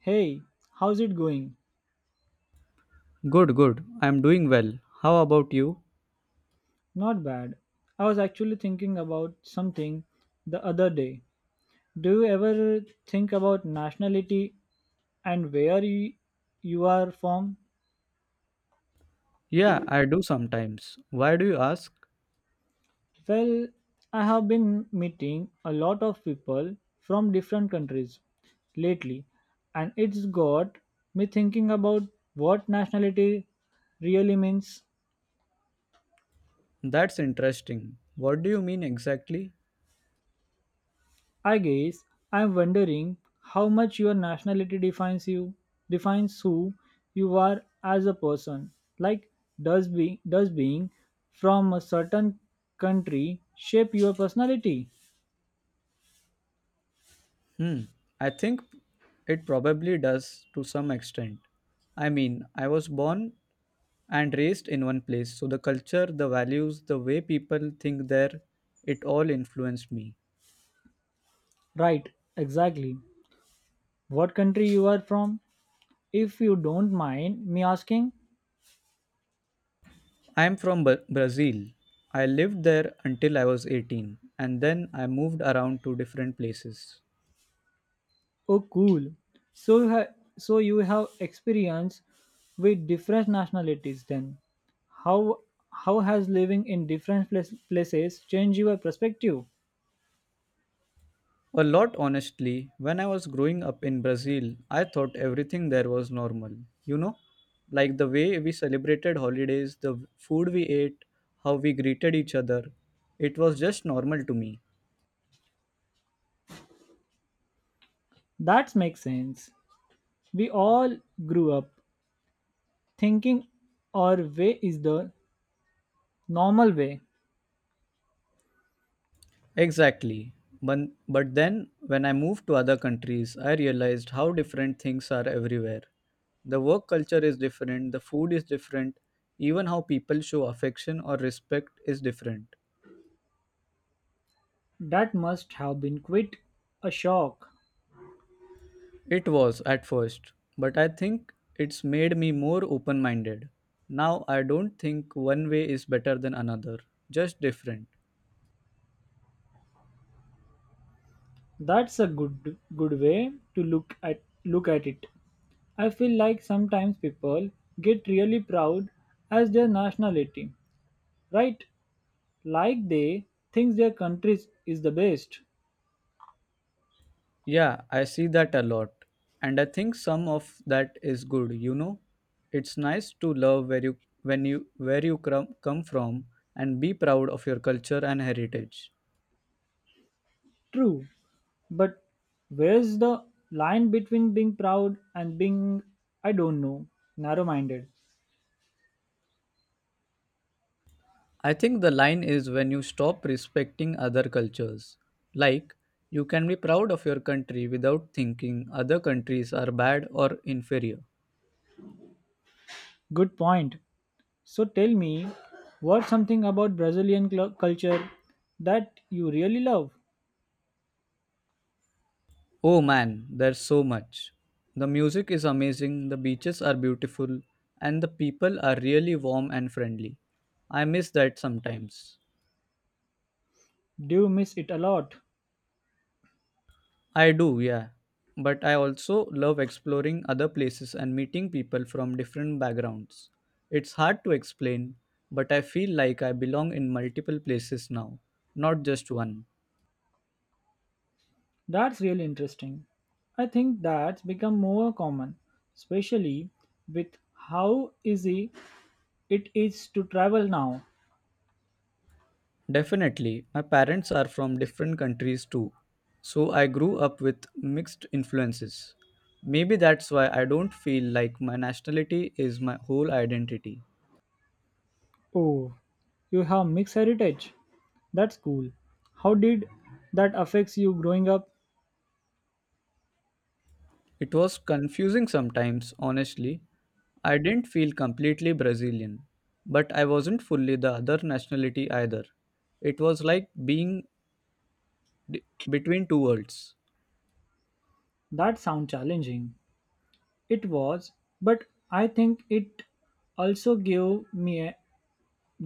Hey, how's it going? Good, good. I'm doing well. How about you? Not bad. I was actually thinking about something the other day. Do you ever think about nationality and where you are from? Yeah, I do sometimes. Why do you ask? Well, I have been meeting a lot of people from different countries lately, and it's got me thinking about what nationality really means. That's interesting. What do you mean exactly? I guess I'm wondering how much your nationality defines who you are as a person. Like, does being from a certain country shape your personality? Hmm, I think it probably does to some extent. I mean, I was born and raised in one place, so the culture, the values, the way people think there, it all influenced me. Right, exactly. What country you are from? If you don't mind me asking. I am from Brazil. I lived there until I was 18, and then I moved around to different places. Oh, cool. So you have so you have experience with different nationalities. Then, how how has living in different places changed your perspective? A lot, honestly. When I was growing up in Brazil, I thought everything there was normal. You know, like the way we celebrated holidays, the food we ate, how we greeted each other. It was just normal to me. That makes sense. We all grew up thinking our way is the normal way. Exactly. But, but then, when I moved to other countries, I realized how different things are everywhere. The work culture is different, the food is different, even how people show affection or respect is different. That must have been quite a shock. It was at first, but I think it's made me more open minded. Now I don't think one way is better than another, just different. That's a good way to look at it. I feel like sometimes people get really proud as their nationality right? Like they think their country is the best. Yeah, I see that a lot. And I think some of that is good, you know. It's nice to love where you come from and be proud of your culture and heritage. True, but where's the line between being proud and being, I don't know, narrow minded? I think the line is when you stop respecting other cultures. Like, you can be proud of your country without thinking other countries are bad or inferior. Good point. So tell me, what's something about Brazilian culture that you really love? Oh man, there's so much. The music is amazing, the beaches are beautiful, and the people are really warm and friendly. I miss that sometimes. Do you miss it a lot? I do, yeah. But I also love exploring other places and meeting people from different backgrounds. It's hard to explain, but I feel like I belong in multiple places now, not just one. That's really interesting. I think that's become more common, especially with how easy it is to travel now. Definitely, my parents are from different countries too, so I grew up with mixed influences. Maybe that's why I don't feel like my nationality is my whole identity. Oh, you have mixed heritage. That's cool. How did that affects you growing up? It was confusing sometimes, honestly, I didn't feel completely Brazilian, but I wasn't fully the other nationality either. It was like being d- between two worlds. That sound challenging. It was, but I think it also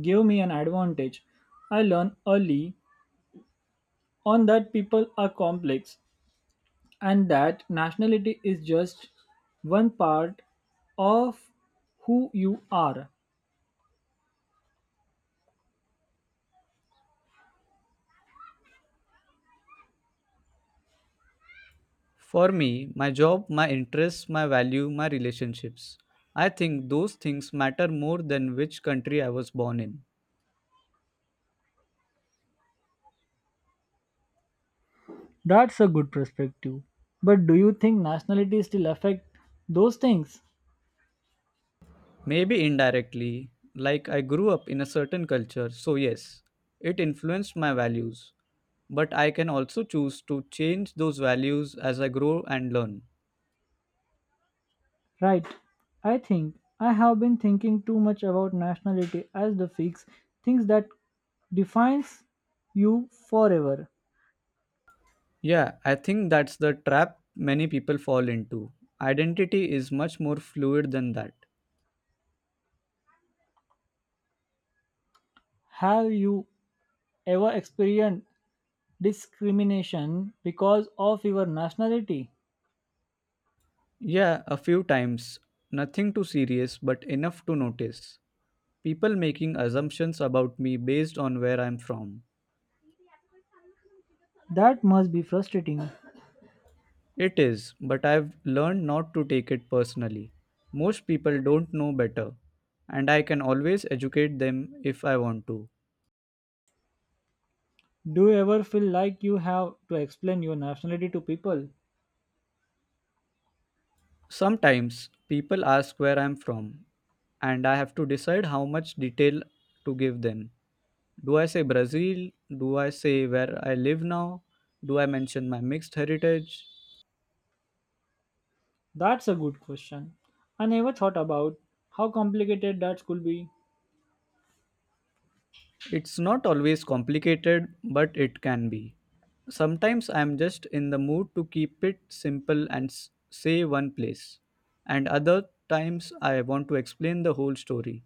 gave me an advantage. I learned early on that people are complex and that nationality is just one part of who you are. For me, my job, my interests, my value, my relationships. I think those things matter more than which country I was born in. That's a good perspective. But do you think nationality still affect those things? Maybe indirectly, like I grew up in a certain culture, so yes, it influenced my values. But I can also choose to change those values as I grow and learn. Right. I think I have been thinking too much about nationality as the fix, things that defines you forever. Yeah, I think that's the trap many people fall into. Identity is much more fluid than that. Have you ever experienced discrimination because of your nationality? Yeah, a few times. Nothing too serious, but enough to notice. People making assumptions about me based on where I'm from. That must be frustrating. It is, but I've learned not to take it personally. Most people don't know better, and I can always educate them if I want to. Do you ever feel like you have to explain your nationality to people? Sometimes people ask where I'm from, and I have to decide how much detail to give them. Do I say Brazil? Do I say where I live now? Do I mention my mixed heritage? That's a good question. I never thought about how complicated that could be. It's not always complicated, but it can be. Sometimes I'm just in the mood to keep it simple and say one place, and other times I want to explain the whole story.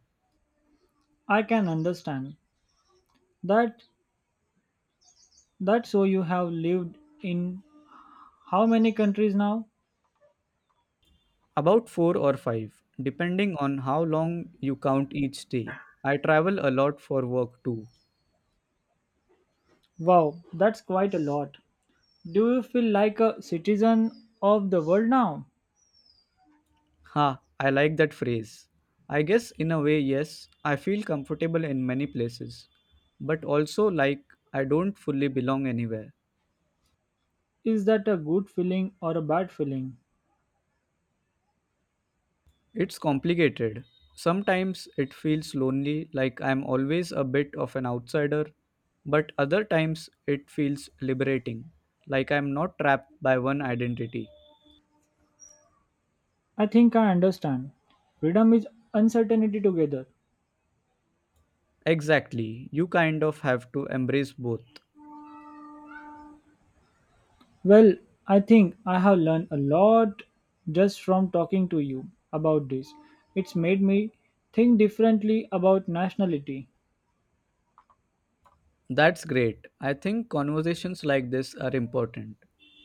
I can understand that That's so you have lived in how many countries now? About four or five, depending on how long you count each day. I travel a lot for work too. Wow, that's quite a lot. Do you feel like a citizen of the world now? Ha, I like that phrase. I guess in a way, yes, I feel comfortable in many places, but also like I don't fully belong anywhere. Is that a good feeling or a bad feeling? It's complicated. Sometimes it feels lonely, like I'm always a bit of an outsider, but other times it feels liberating, like I'm not trapped by one identity. I think I understand. Freedom is uncertainty together. Exactly, you kind of have to embrace both. Well, I think I have learned a lot just from talking to you about this. It's made me think differently about nationality. That's great. I think conversations like this are important.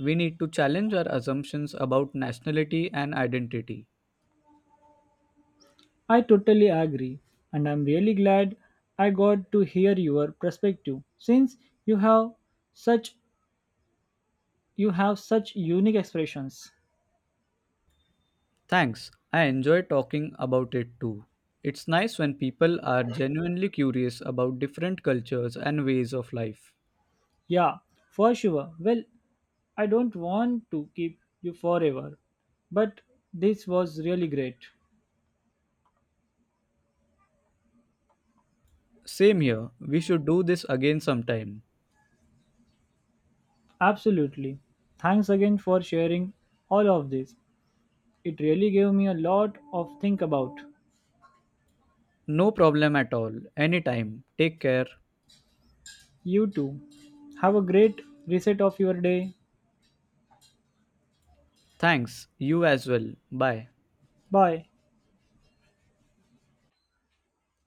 We need to challenge our assumptions about nationality and identity. I totally agree, and I'm really glad I got to hear your perspective since you have such you have such unique expressions. Thanks. I enjoy talking about it too. It's nice when people are genuinely curious about different cultures and ways of life. Yeah, for sure. Well, I don't want to keep you forever, but this was really great. Same here. We should do this again sometime. Absolutely. Thanks again for sharing all of this. It really gave me a lot of think about. No problem at all. Anytime. Take care. You too. Have a great reset of your day. Thanks. You as well. Bye. Bye.